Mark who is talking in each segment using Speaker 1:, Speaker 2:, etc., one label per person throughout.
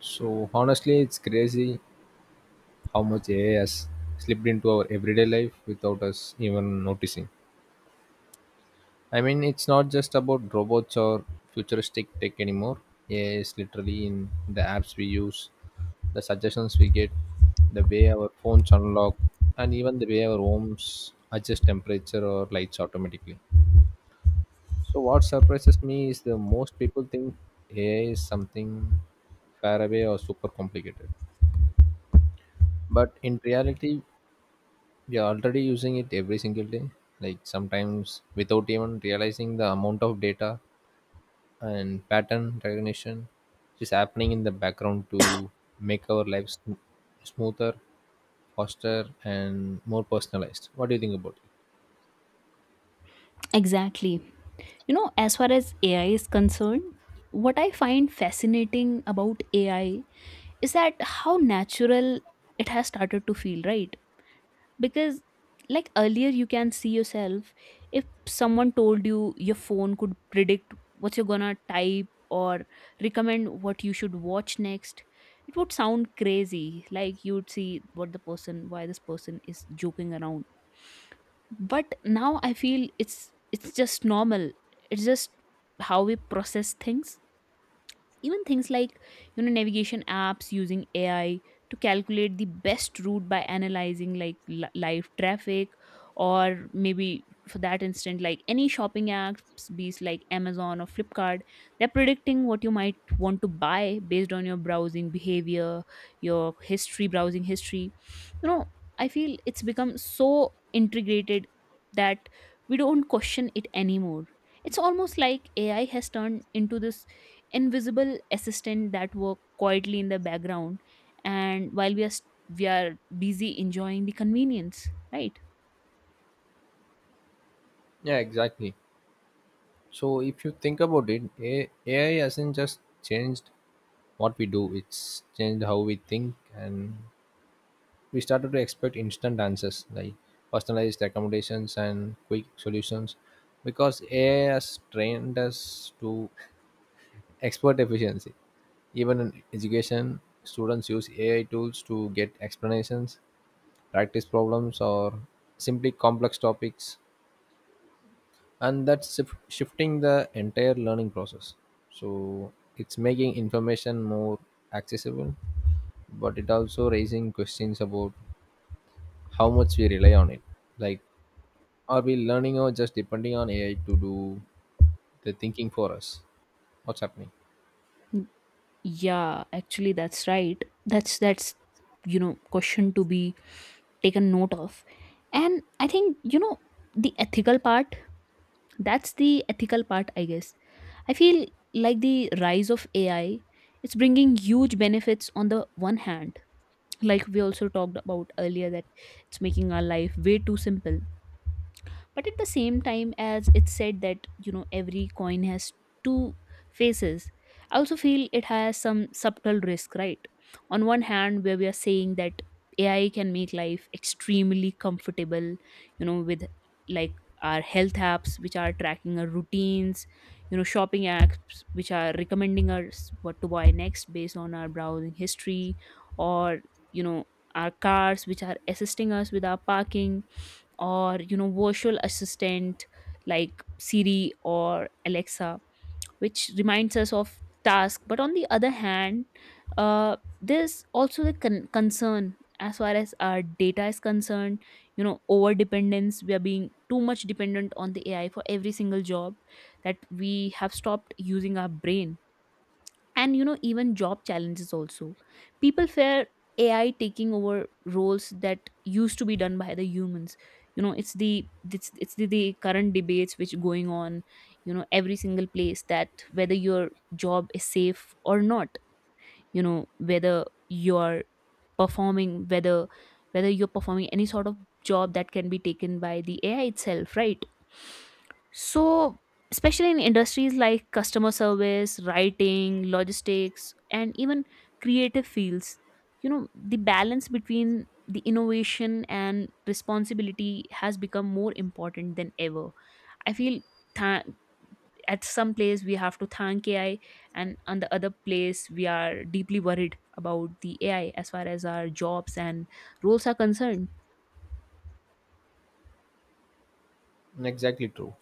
Speaker 1: So honestly, it's crazy how much AI has slipped into our everyday life without us even noticing. I mean, it's not just about robots or futuristic tech anymore. AI is literally in the apps we use, the suggestions we get, the way our phones unlock, and even the way our homes adjust temperature or lights automatically. So what surprises me is the most people think AI is something far away or super complicated. But in reality, we are already using it every single day, like sometimes without even realizing the amount of data and pattern recognition which is happening in the background to make our lives smoother, faster and more personalized. What do you think about it?
Speaker 2: Exactly. You know, as far as AI is concerned, what I find fascinating about AI is that how natural it has started to feel, right? Because, like earlier, you can see yourself if someone told you your phone could predict what you're gonna type or recommend what you should watch next, it would sound crazy. Like, you'd see what the person, why this person is joking around, but now I feel it's just normal. It's just how we process things. Even things like, you know, navigation apps using AI to calculate the best route by analyzing, like, live traffic, or maybe for that instant, like, any shopping apps, be it like Amazon or Flipkart, they're predicting what you might want to buy based on your browsing behavior, your history, browsing history, you know. I feel it's become so integrated that we don't question it anymore. It's almost like AI has turned into this invisible assistant that work quietly in the background, and while we are we are busy enjoying the convenience, right?
Speaker 1: Yeah, exactly. So if you think about it, AI hasn't just changed what we do, it's changed how we think. And we started to expect instant answers like personalized recommendations and quick solutions because AI has trained us to expert efficiency. Even in education, students use AI tools to get explanations, practice problems, or simply complex topics, and that's shifting the entire learning process. So it's making information more accessible, but it also raising questions about how much we rely on it. Like, are we learning or just depending on AI to do the thinking for us? What's happening?
Speaker 2: Mm, yeah, actually that's right. That's you know, question to be taken note of. And I think, you know, the ethical part, that's the ethical part, I guess. I feel like the rise of AI, it's bringing huge benefits on the one hand, like we also talked about earlier, that it's making our life way too simple. But at the same time, as it's said that, you know, every coin has two faces, I also feel it has some subtle risk, right? On one hand, where we are saying that AI can make life extremely comfortable, you know, with, like, our health apps which are tracking our routines, you know, shopping apps which are recommending us what to buy next based on our browsing history, or, you know, our cars which are assisting us with our parking, or you know, virtual assistant like Siri or Alexa which reminds us of task. But on the other hand, uh, there's also the concern as far as our data is concerned, you know, over dependence, we are being too much dependent on the AI for every single job, that we have stopped using our brain. And you know, even job challenges also, people fear AI taking over roles that used to be done by the humans. You know, it's the current debates which going on, you know, every single place, that whether your job is safe or not, you know, whether you're performing, whether you're performing any sort of job that can be taken by the AI itself, right? So especially in industries like customer service, writing, logistics, and even creative fields, you know, the balance between the innovation and responsibility has become more important than ever, I feel. tha- at some place we have to thank AI, and on the other place we are deeply worried about the AI as far as our jobs and roles are concerned.
Speaker 1: Exactly true.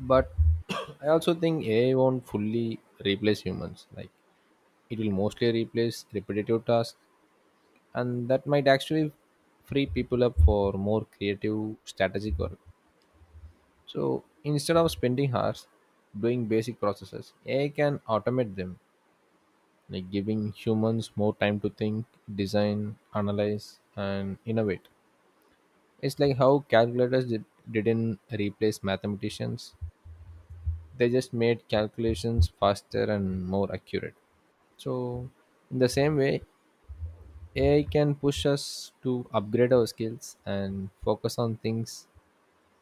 Speaker 1: But I also think AI won't fully replace humans. Like, it will mostly replace repetitive tasks, and that might actually free people up for more creative, strategic work. So instead of spending hours doing basic processes, AI can automate them, like giving humans more time to think, design, analyze, and innovate. It's like how calculators didn't replace mathematicians. They just made calculations faster and more accurate. So, in the same way, AI can push us to upgrade our skills and focus on things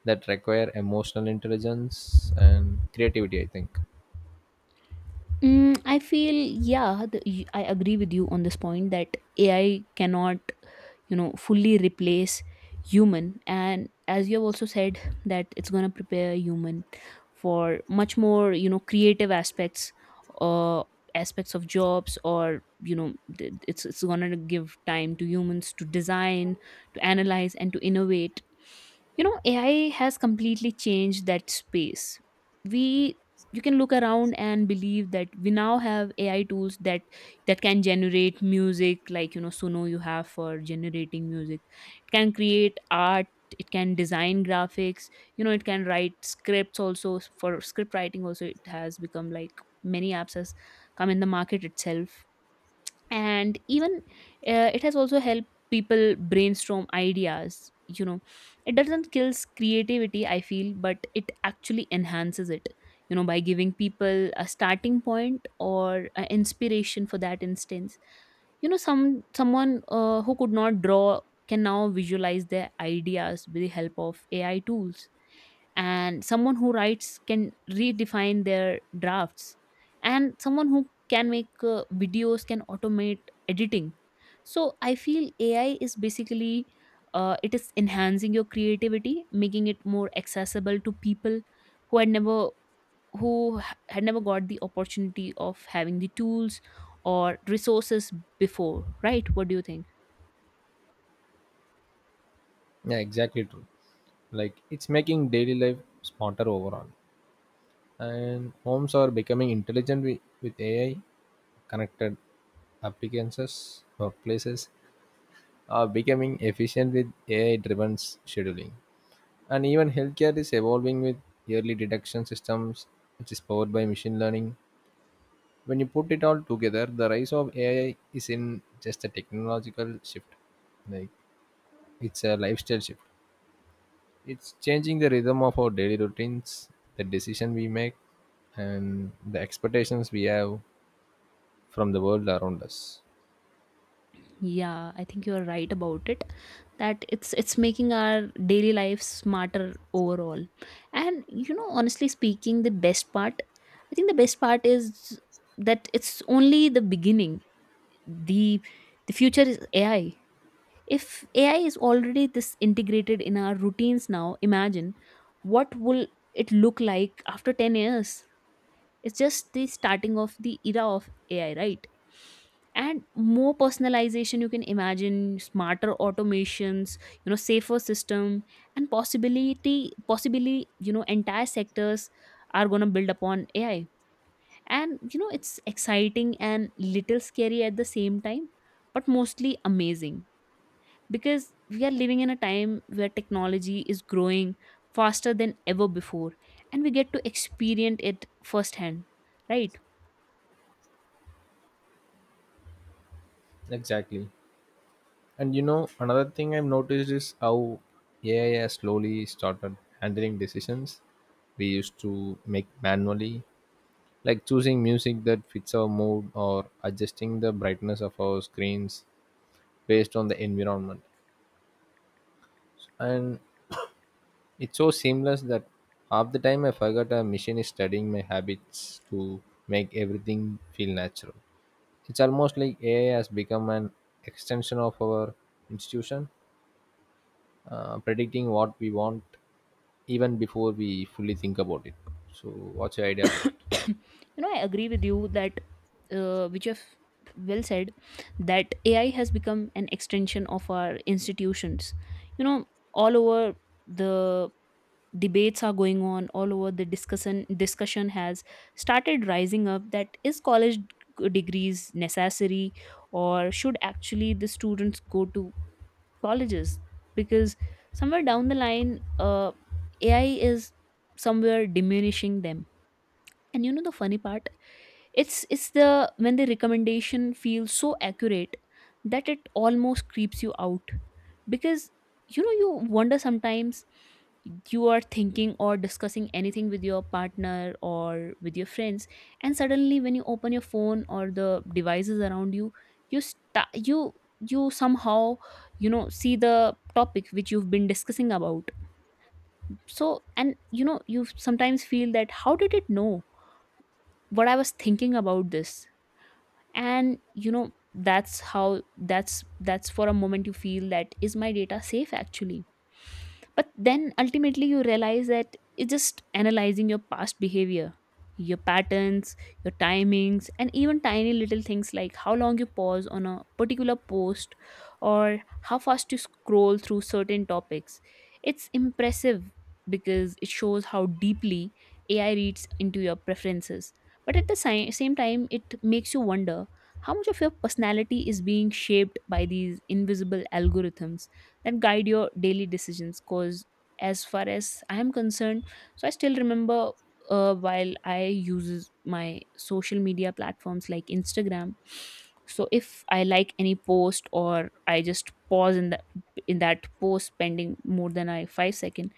Speaker 1: that require emotional intelligence and creativity, I think.
Speaker 2: Mm, I feel, yeah, I agree with you on this point that AI cannot, you know, fully replace human. And as you have also said, that it's going to prepare human for much more, you know, creative aspects, uh, aspects of jobs, or you know, it's going to give time to humans to design, to analyze, and to innovate. You know, AI has completely changed that space. We You can look around and believe that we now have AI tools that can generate music, like, you know, Suno you have for generating music. It can create art, it can design graphics, you know, it can write scripts also. For script writing also it has become, like, many apps has come in the market itself. And even it has also helped people brainstorm ideas, you know. It doesn't kills creativity, I feel, but it actually enhances it, you know, by giving people a starting point or a inspiration. For that instance, you know, someone who could not draw can now visualize their ideas with the help of AI tools, and someone who writes can redefine their drafts, and someone who can make videos can automate editing. So I feel AI is basically, it is enhancing your creativity, making it more accessible to people who had never, had never got the opportunity of having the tools or resources before, right? What do you think?
Speaker 1: Yeah, exactly true. Like, it's making daily life smarter overall. And homes are becoming intelligent with AI, connected appliances, workplaces, are becoming efficient with AI driven scheduling. And even healthcare is evolving with early detection systems, which is powered by machine learning. When you put it all together, the rise of AI is in just a technological shift. Like, it's a lifestyle shift. It's changing the rhythm of our daily routines, the decision we make, and the expectations we have from the world around us.
Speaker 2: Yeah, I think you are right about it. That It's making our daily life smarter overall. And you know, honestly speaking, the best part, I think the best part is that it's only the beginning. The the future is AI. If AI is already this integrated in our routines now, imagine what will it look like after 10 years? It's just the starting of the era of AI, right? And more personalization you can imagine, smarter automations, you know, safer system, and possibly, you know, entire sectors are gonna build upon AI. And you know, it's exciting and little scary at the same time, but mostly amazing because we are living in a time where technology is growing faster than ever before, and we get to experience it firsthand, right?
Speaker 1: Exactly. And you know, another thing I've noticed is how AI has slowly started handling decisions we used to make manually, like choosing music that fits our mood or adjusting the brightness of our screens based on the environment. And it's so seamless that half the time I forgot a machine is studying my habits to make everything feel natural. It's almost like AI has become an extension of our institution, predicting what we want even before we fully think about it. So, what's your idea about it?
Speaker 2: You know, I agree with you that which you have well said, that AI has become an extension of our institutions. You know, all over the debates are going on, all over the discussion has started rising up, that is college degrees necessary, or should actually the students go to colleges, because somewhere down the line uh, AI is somewhere diminishing them. And you know, the funny part, it's the when the recommendation feels so accurate that it almost creeps you out. Because, you know, you wonder sometimes, you are thinking or discussing anything with your partner or with your friends, and suddenly when you open your phone or the devices around you, you sta you you somehow, you know, see the topic which you've been discussing about. So, and you know, you sometimes feel that, how did it know what I was thinking about this? And you know, that's how that's for a moment you feel that, is my data safe actually? But then ultimately you realize that it's just analyzing your past behavior, your patterns, your timings, and even tiny little things like how long you pause on a particular post or how fast you scroll through certain topics. It's impressive, because it shows how deeply AI reads into your preferences, but at the same time it makes you wonder how much of your personality is being shaped by these invisible algorithms that guide your daily decisions. Because, as far as I'm concerned, so I still remember, while I uses my social media platforms like Instagram. So if I like any post, or I just pause in the in that post spending more than I five second,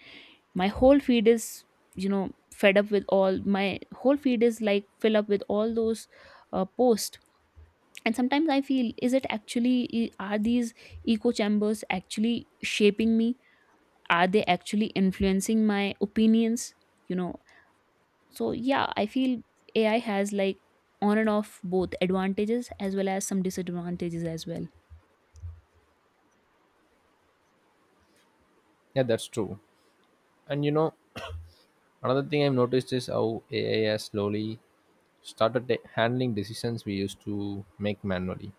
Speaker 2: my whole feed is, you know, fed up with all my whole feed is like fill up with all those posts. And sometimes I feel, is it actually, are these echo chambers actually shaping me? Are they actually influencing my opinions, you know? So yeah, I feel AI has like, on and off, both advantages as well as some disadvantages as well.
Speaker 1: Yeah, that's true. And you know, another thing I've noticed is how AI has slowly started handling decisions we used to make manually,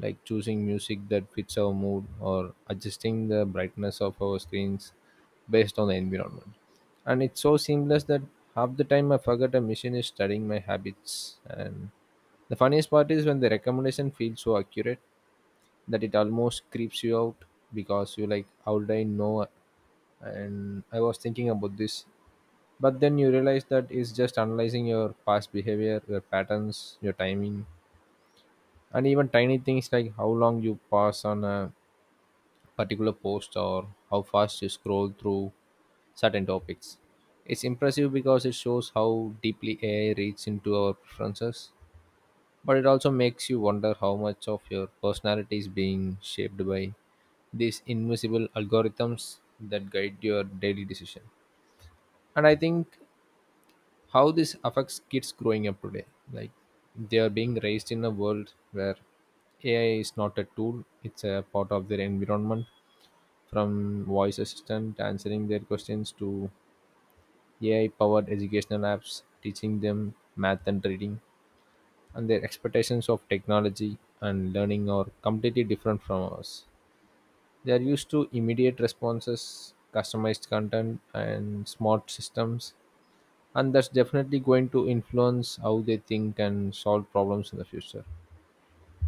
Speaker 1: like choosing music that fits our mood or adjusting the brightness of our screens based on the environment. And it's so seamless that half the time I forget a machine is studying my habits. And the funniest part is when the recommendation feels so accurate that it almost creeps you out because you like, how did I know? And I was thinking about this, but then you realize that it's just analyzing your past behavior, your patterns, your timing, and even tiny things like how long you pass on a particular post or how fast you scroll through certain topics. It's impressive because it shows how deeply AI reads into our preferences, but it also makes you wonder how much of your personality is being shaped by these invisible algorithms that guide your daily decision. And I think how this affects kids growing up today, like they are being raised in a world where AI is not a tool, it's a part of their environment, from voice assistant answering their questions to AI powered educational apps teaching them math and reading. And their expectations of technology and learning are completely different from ours. They are used to immediate responses, customized content, and smart systems, and that's definitely going to influence how they think and solve problems in the future.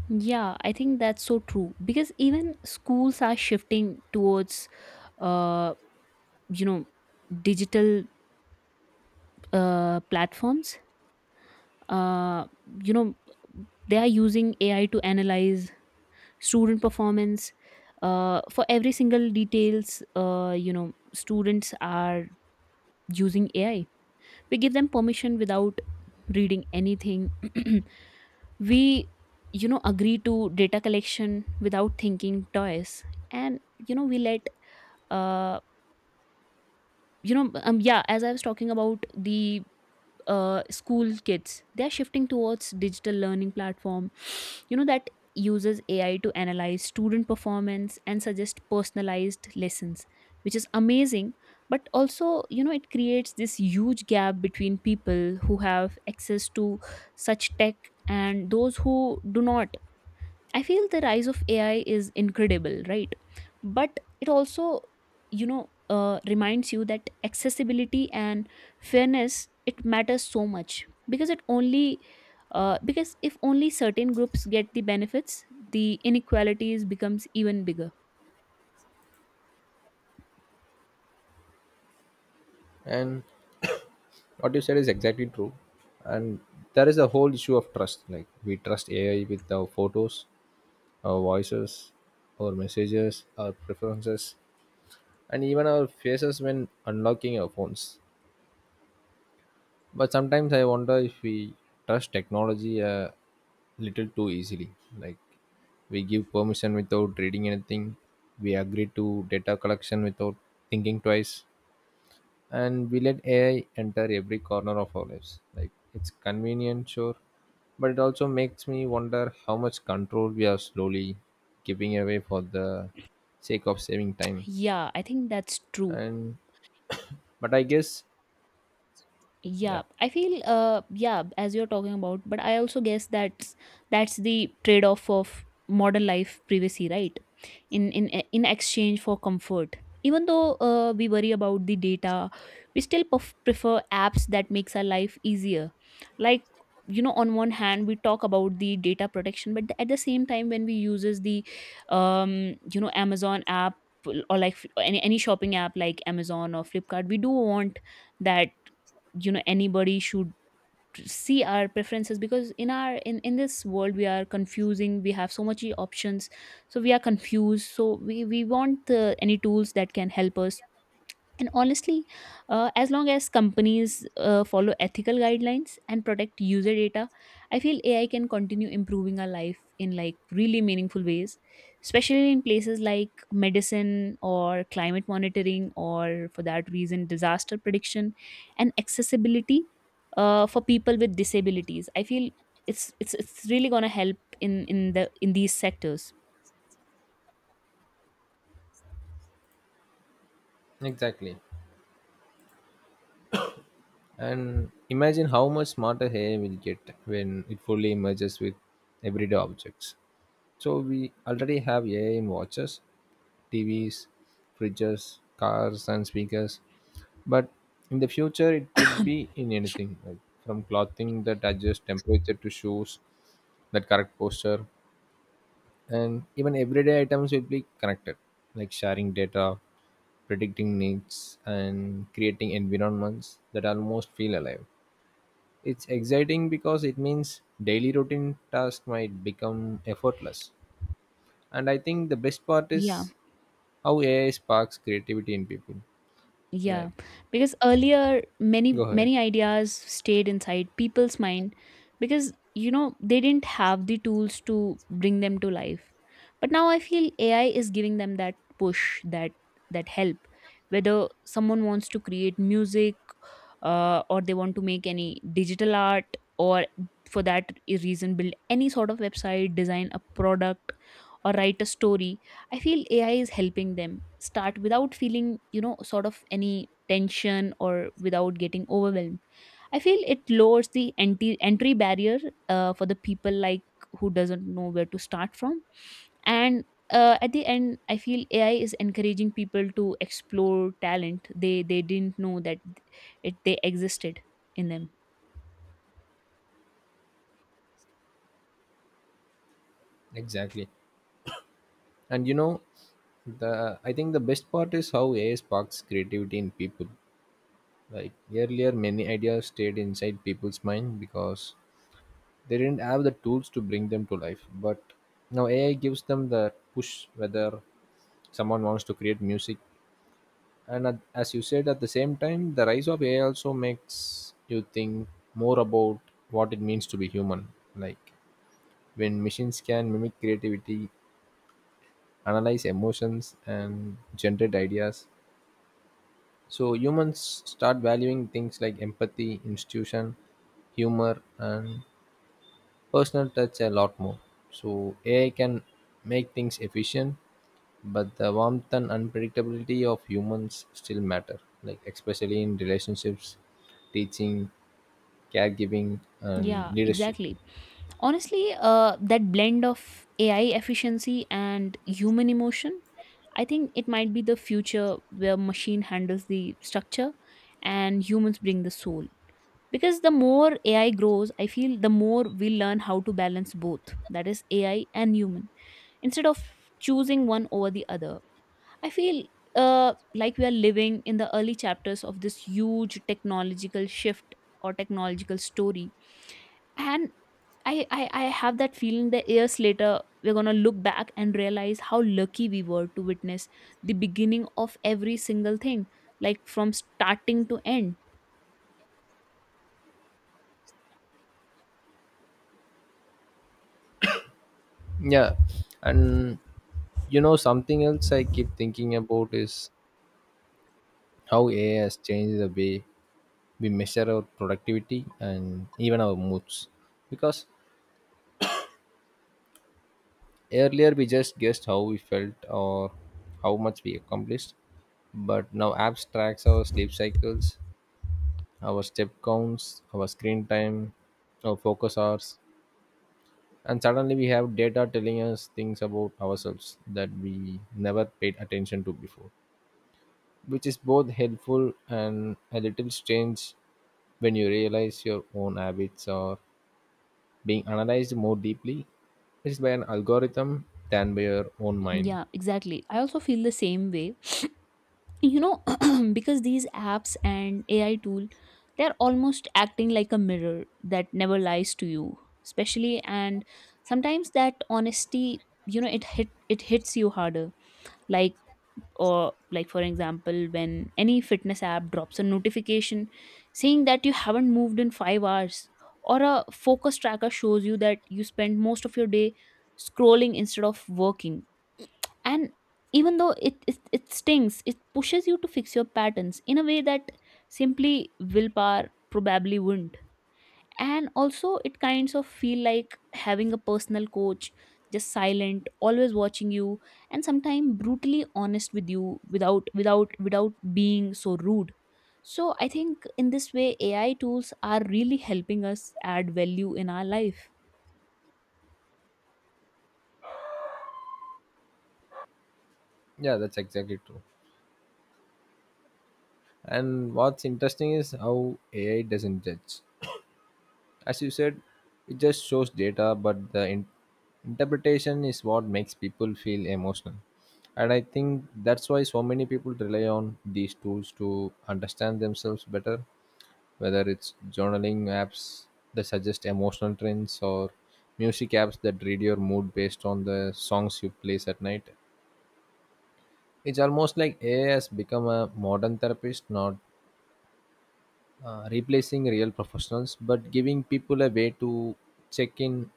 Speaker 2: Yeah, I think that's so true, because even schools are shifting towards uh you know, digital platforms. uh you know, they are using AI to analyze student performance, for every single details. You know, students are using AI, we give them permission without reading anything. we You know, agree to data collection without thinking twice. And you know, we let, uh, yeah, as I was talking about, the school kids, they are shifting towards digital learning platform. You know, that uses AI to analyze student performance and suggest personalized lessons, which is amazing. But also, you know, it creates this huge gap between people who have access to such tech and those who do not. I feel the rise of AI is incredible, right? But it also, you know, reminds you that accessibility and fairness, it matters so much. Because it only, because if only certain groups get the benefits, the inequalities becomes even bigger.
Speaker 1: And what you said is exactly true. And there is a whole issue of trust. Like, we trust AI with our photos, our voices, our messages, our preferences, and even our faces when unlocking our phones. But sometimes I wonder if we trust technology a little too easily. Like, we give permission without reading anything, we agree to data collection without thinking twice, and we let AI enter every corner of our lives. Like, it's convenient, sure, but it also makes me wonder how much control we are slowly giving away for the sake of saving time.
Speaker 2: Yeah, I think that's true.
Speaker 1: And but I guess, yeah,
Speaker 2: Yeah, I feel yeah, as you're talking about, but I also guess that's the trade-off of modern life, privacy, right? In exchange for comfort. Even though we worry about the data, we still prefer apps that makes our life easier. Like on one hand, we talk about the data protection, but at the same time, when we uses the Amazon app or like any shopping app like Amazon or Flipkart, we do want that, you know, anybody should see our preferences, because in our in this world we are confusing, we have so much options, so we are confused, so we want the, any tools that can help us. And honestly, as long as companies follow ethical guidelines and protect user data, I feel AI can continue improving our life in like really meaningful ways, especially in places like medicine or climate monitoring, or for that reason, disaster prediction and accessibility for people with disabilities. I feel it's really gonna help in these sectors.
Speaker 1: exactly. And imagine how much smarter AI will get when it fully merges with everyday objects. So we already have AI in watches, TVs, fridges, cars, and speakers. But in the future, it could be in anything, like from clothing that adjusts temperature to shoes that correct posture, and even everyday items will be connected, like sharing data, predicting needs, and creating environments that almost feel alive. It's exciting because it means daily routine tasks might become effortless. And I think the best part
Speaker 2: Yeah,
Speaker 1: is how AI sparks creativity in people. Like,
Speaker 2: yeah, because earlier
Speaker 1: go
Speaker 2: many
Speaker 1: ahead.
Speaker 2: many ideas stayed inside people's mind because you know they didn't have the tools to bring them to life. But now I feel AI is giving them that push, that help. Whether someone wants to create music, or they want to make any digital art, or for that reason build any sort of website, design a product, or write a story. I feel AI is helping them start without feeling, you know, sort of any tension or without getting overwhelmed. I feel it lowers the entry barrier for the people like who doesn't know where to start from. And at the end, I feel AI is encouraging people to explore talent they didn't know that it they existed in them.
Speaker 1: Exactly. And you know, the I think the best part is how AI sparks creativity in people. Like earlier, many ideas stayed inside people's mind because they didn't have the tools to bring them to life. But now AI gives them the push whether someone wants to create music. And as you said, at the same time the rise of AI also makes you think more about what it means to be human. Like when machines can mimic creativity, analyze emotions and generate ideas, so humans start valuing things like empathy, institution, humor and personal touch a lot more. So AI can make things efficient, but the warmth and unpredictability of humans still matter, like especially in relationships, teaching, caregiving, and
Speaker 2: Yeah,
Speaker 1: leadership.
Speaker 2: exactly. Honestly, that blend of AI efficiency and human emotion, I think it might be the future where machine handles the structure and humans bring the soul. Because the more AI grows, I feel the more we learn how to balance both, that is AI and human, instead of choosing one over the other. I feel, uh, like we are living in the early chapters of this huge technological shift or technological story. And I have that feeling that years later we're gonna look back and realize how lucky we were to witness the beginning of every single thing, like from starting to end.
Speaker 1: Yeah, and you know something else I keep thinking about is how AI has changed the way we measure our productivity and even our moods. Because earlier we just guessed how we felt or how much we accomplished, but now apps tracks our sleep cycles, our step counts, our screen time, our focus hours, and suddenly we have data telling us things about ourselves that we never paid attention to before, which is both helpful and a little strange when you realize your own habits are being analyzed more deeply. It's by an algorithm than by your own mind.
Speaker 2: Yeah, exactly. I also feel the same way. You know, because these apps and AI tool, they're almost acting like a mirror that never lies to you. Especially and sometimes that honesty, you know, it hit it hits you harder. Like or like for example when any fitness app drops a notification saying that you haven't moved in 5 hours, or a focus tracker shows you that you spend most of your day scrolling instead of working. And even though it stings, it pushes you to fix your patterns in a way that simply willpower probably wouldn't. And also it kinds of feel like having a personal coach, just silent, always watching you and sometimes brutally honest with you without being so rude. So I think in this way AI tools are really helping us add value in our life.
Speaker 1: Yeah, that's exactly true. And what's interesting is how AI doesn't judge. As you said, it just shows data but the interpretation is what makes people feel emotional. And I think that's why so many people rely on these tools to understand themselves better, whether it's journaling apps that suggest emotional trends or music apps that read your mood based on the songs you play at night. It's almost like AI has become a modern therapist, not replacing real professionals, but giving people a way to check in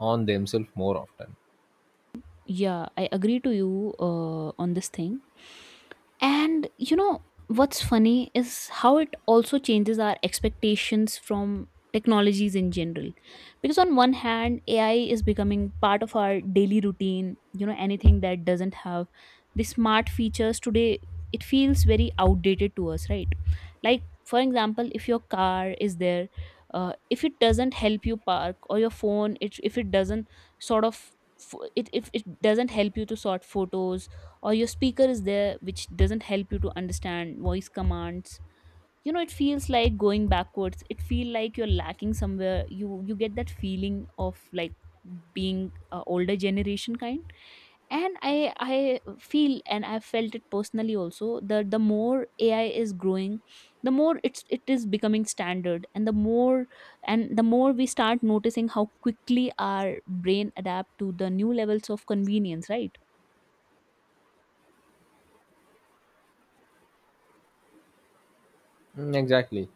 Speaker 1: on themselves more often.
Speaker 2: Yeah, I agree to you on this thing. And you know what's funny is how it also changes our expectations from technologies in general. Because on one hand, AI is becoming part of our daily routine, you know, anything that doesn't have the smart features today, it feels very outdated to us, right? Like, for example, if your car is there, if it doesn't help you park, or your phone, if it doesn't sort of, if it doesn't help you to sort photos, or your speaker is there which doesn't help you to understand voice commands, you know it feels like going backwards, it feel like you're lacking somewhere, you get that feeling of like being a older generation kind. And I feel, and I've felt it personally also, that the more AI is growing, the more it is becoming standard, and the more we start noticing how quickly our brain adapt to the new levels of convenience, right?
Speaker 1: Mm, exactly.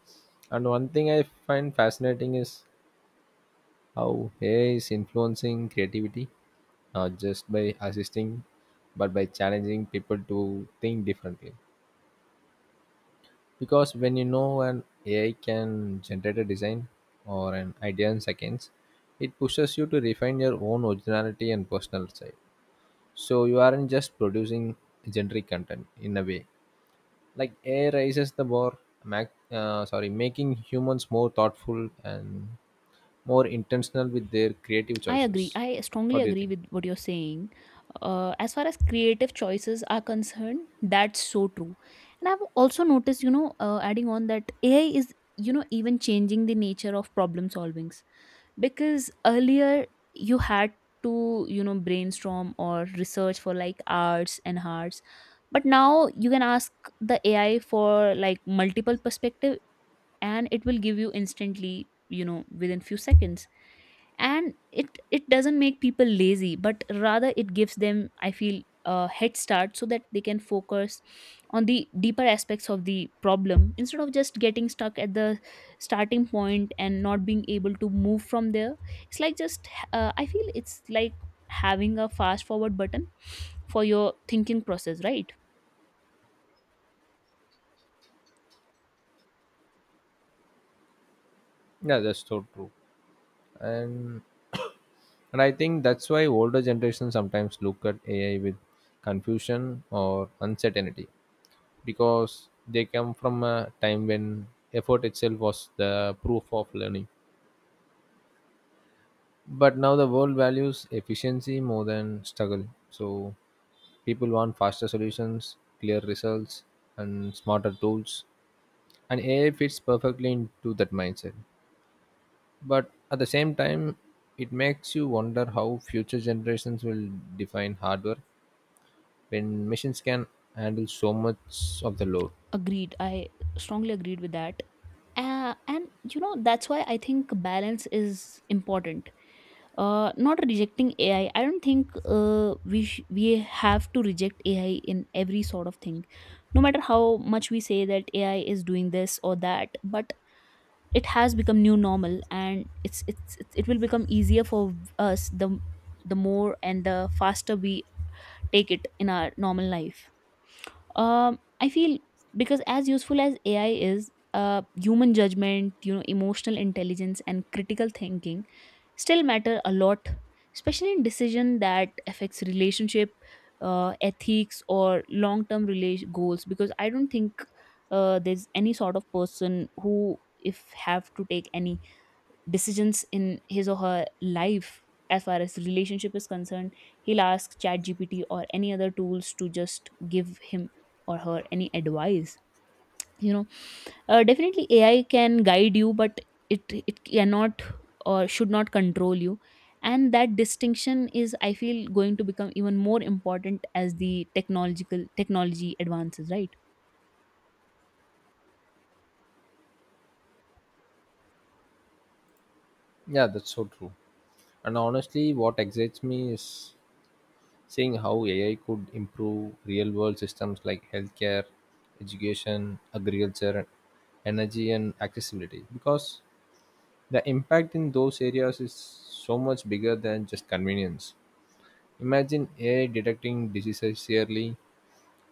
Speaker 1: And one thing I find fascinating is how AI is influencing creativity, not just by assisting, but by challenging people to think differently. Because when you know an AI can generate a design or an idea in seconds, it pushes you to refine your own originality and personal side. So you aren't just producing generic content in a way. Like AI raises the bar, sorry, making humans more thoughtful and more intentional with their creative
Speaker 2: I agree.
Speaker 1: choices.
Speaker 2: I strongly
Speaker 1: What do you
Speaker 2: agree
Speaker 1: think?
Speaker 2: with what you're saying. As far as creative choices are concerned, that's so true. And I've also noticed, you know, adding on that AI is, you know, even changing the nature of problem solvings. Because earlier you had to, you know, brainstorm or research for like hours and hours. But now you can ask the AI for like multiple perspective, and it will give you instantly, you know, within few seconds. And it doesn't make people lazy, but rather it gives them, I feel, a head start, so that they can focus on the deeper aspects of the problem instead of just getting stuck at the starting point and not being able to move from there. It's like just, I feel it's like having a fast forward button for your thinking process, right?
Speaker 1: Yeah, that's so true. And and I think that's why older generations sometimes look at AI with confusion or uncertainty, because they come from a time when effort itself was the proof of learning, but now the world values efficiency more than struggle. So people want faster solutions, clear results and smarter tools, and AI fits perfectly into that mindset. But at the same time, it makes you wonder how future generations will define hardware when machines can handle so much of the load.
Speaker 2: Agreed. I strongly agreed with that. And you know that's why I think balance is important. Not rejecting AI. I don't think we we have to reject AI in every sort of thing. No matter how much we say that AI is doing this or that, but it has become new normal, and it will become easier for us the more and the faster we take it in our normal life. I feel, because as useful as AI is, human judgment, you know, emotional intelligence, and critical thinking still matter a lot, especially in decision that affects relationship, ethics, or long term relation goals. Because I don't think there's any sort of person who if have to take any decisions in his or her life, as far as relationship is concerned, he'll ask ChatGPT or any other tools to just give him or her any advice, you know. Definitely AI can guide you, but it cannot or should not control you. And that distinction is, I feel, going to become even more important as the technological technology advances, right?
Speaker 1: Yeah, that's so true. And honestly what excites me is seeing how AI could improve real world systems like healthcare, education, agriculture, energy, and accessibility. Because the impact in those areas is so much bigger than just convenience. Imagine AI detecting diseases early,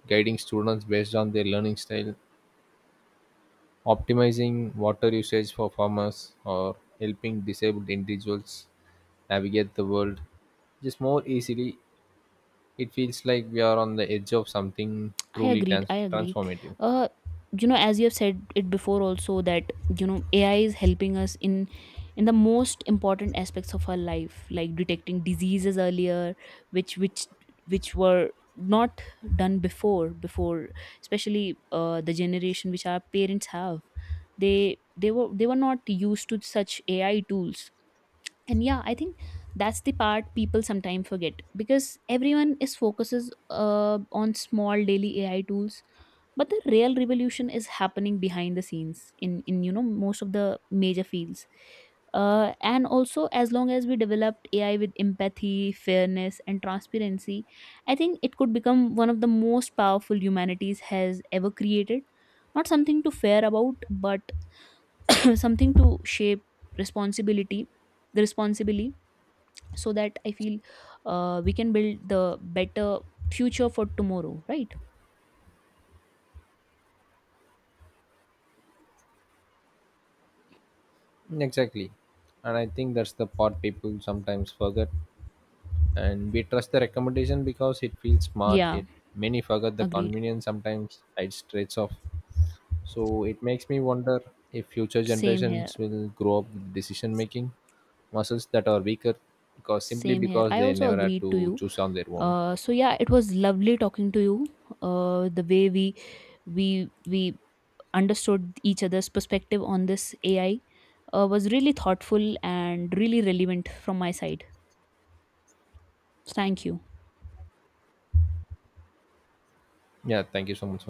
Speaker 1: guiding students based on their learning style, optimizing water usage for farmers, or helping disabled individuals navigate the world just more easily. It feels like we are on the edge of something
Speaker 2: I
Speaker 1: truly
Speaker 2: agreed. I agreed.
Speaker 1: transformative.
Speaker 2: Uh, you know, as you have said it before, also that you know AI is helping us in the most important aspects of our life, like detecting diseases earlier, which which which were not done before. Before, especially the generation which our parents have, they were not used to such AI tools. And yeah, I think that's the part people sometimes forget, because everyone is focuses on small daily AI tools, but the real revolution is happening behind the scenes in you know most of the major fields. And also, as long as we develop AI with empathy, fairness and transparency, I think it could become one of the most powerful humanities has ever created. Not something to fear about, but something to shape responsibility, the responsibility, so that I feel, we can build the better future for tomorrow, right?
Speaker 1: Mm, exactly. And I think that's the part people sometimes forget. And we trust the recommendation because it feels smart.
Speaker 2: Yeah,
Speaker 1: It many forget the
Speaker 2: agreed,
Speaker 1: convenience sometimes hides traits of. So it makes me wonder if future
Speaker 2: same here.
Speaker 1: generations will grow up with decision making muscles that are weaker because simply
Speaker 2: Same here.
Speaker 1: because
Speaker 2: I
Speaker 1: they
Speaker 2: also
Speaker 1: never had
Speaker 2: agreed to
Speaker 1: to
Speaker 2: you.
Speaker 1: choose on their own.
Speaker 2: So yeah, it was lovely talking to you. The way we understood each other's perspective on this AI was really thoughtful and really relevant from my side. Thank you.
Speaker 1: Yeah, thank you so much for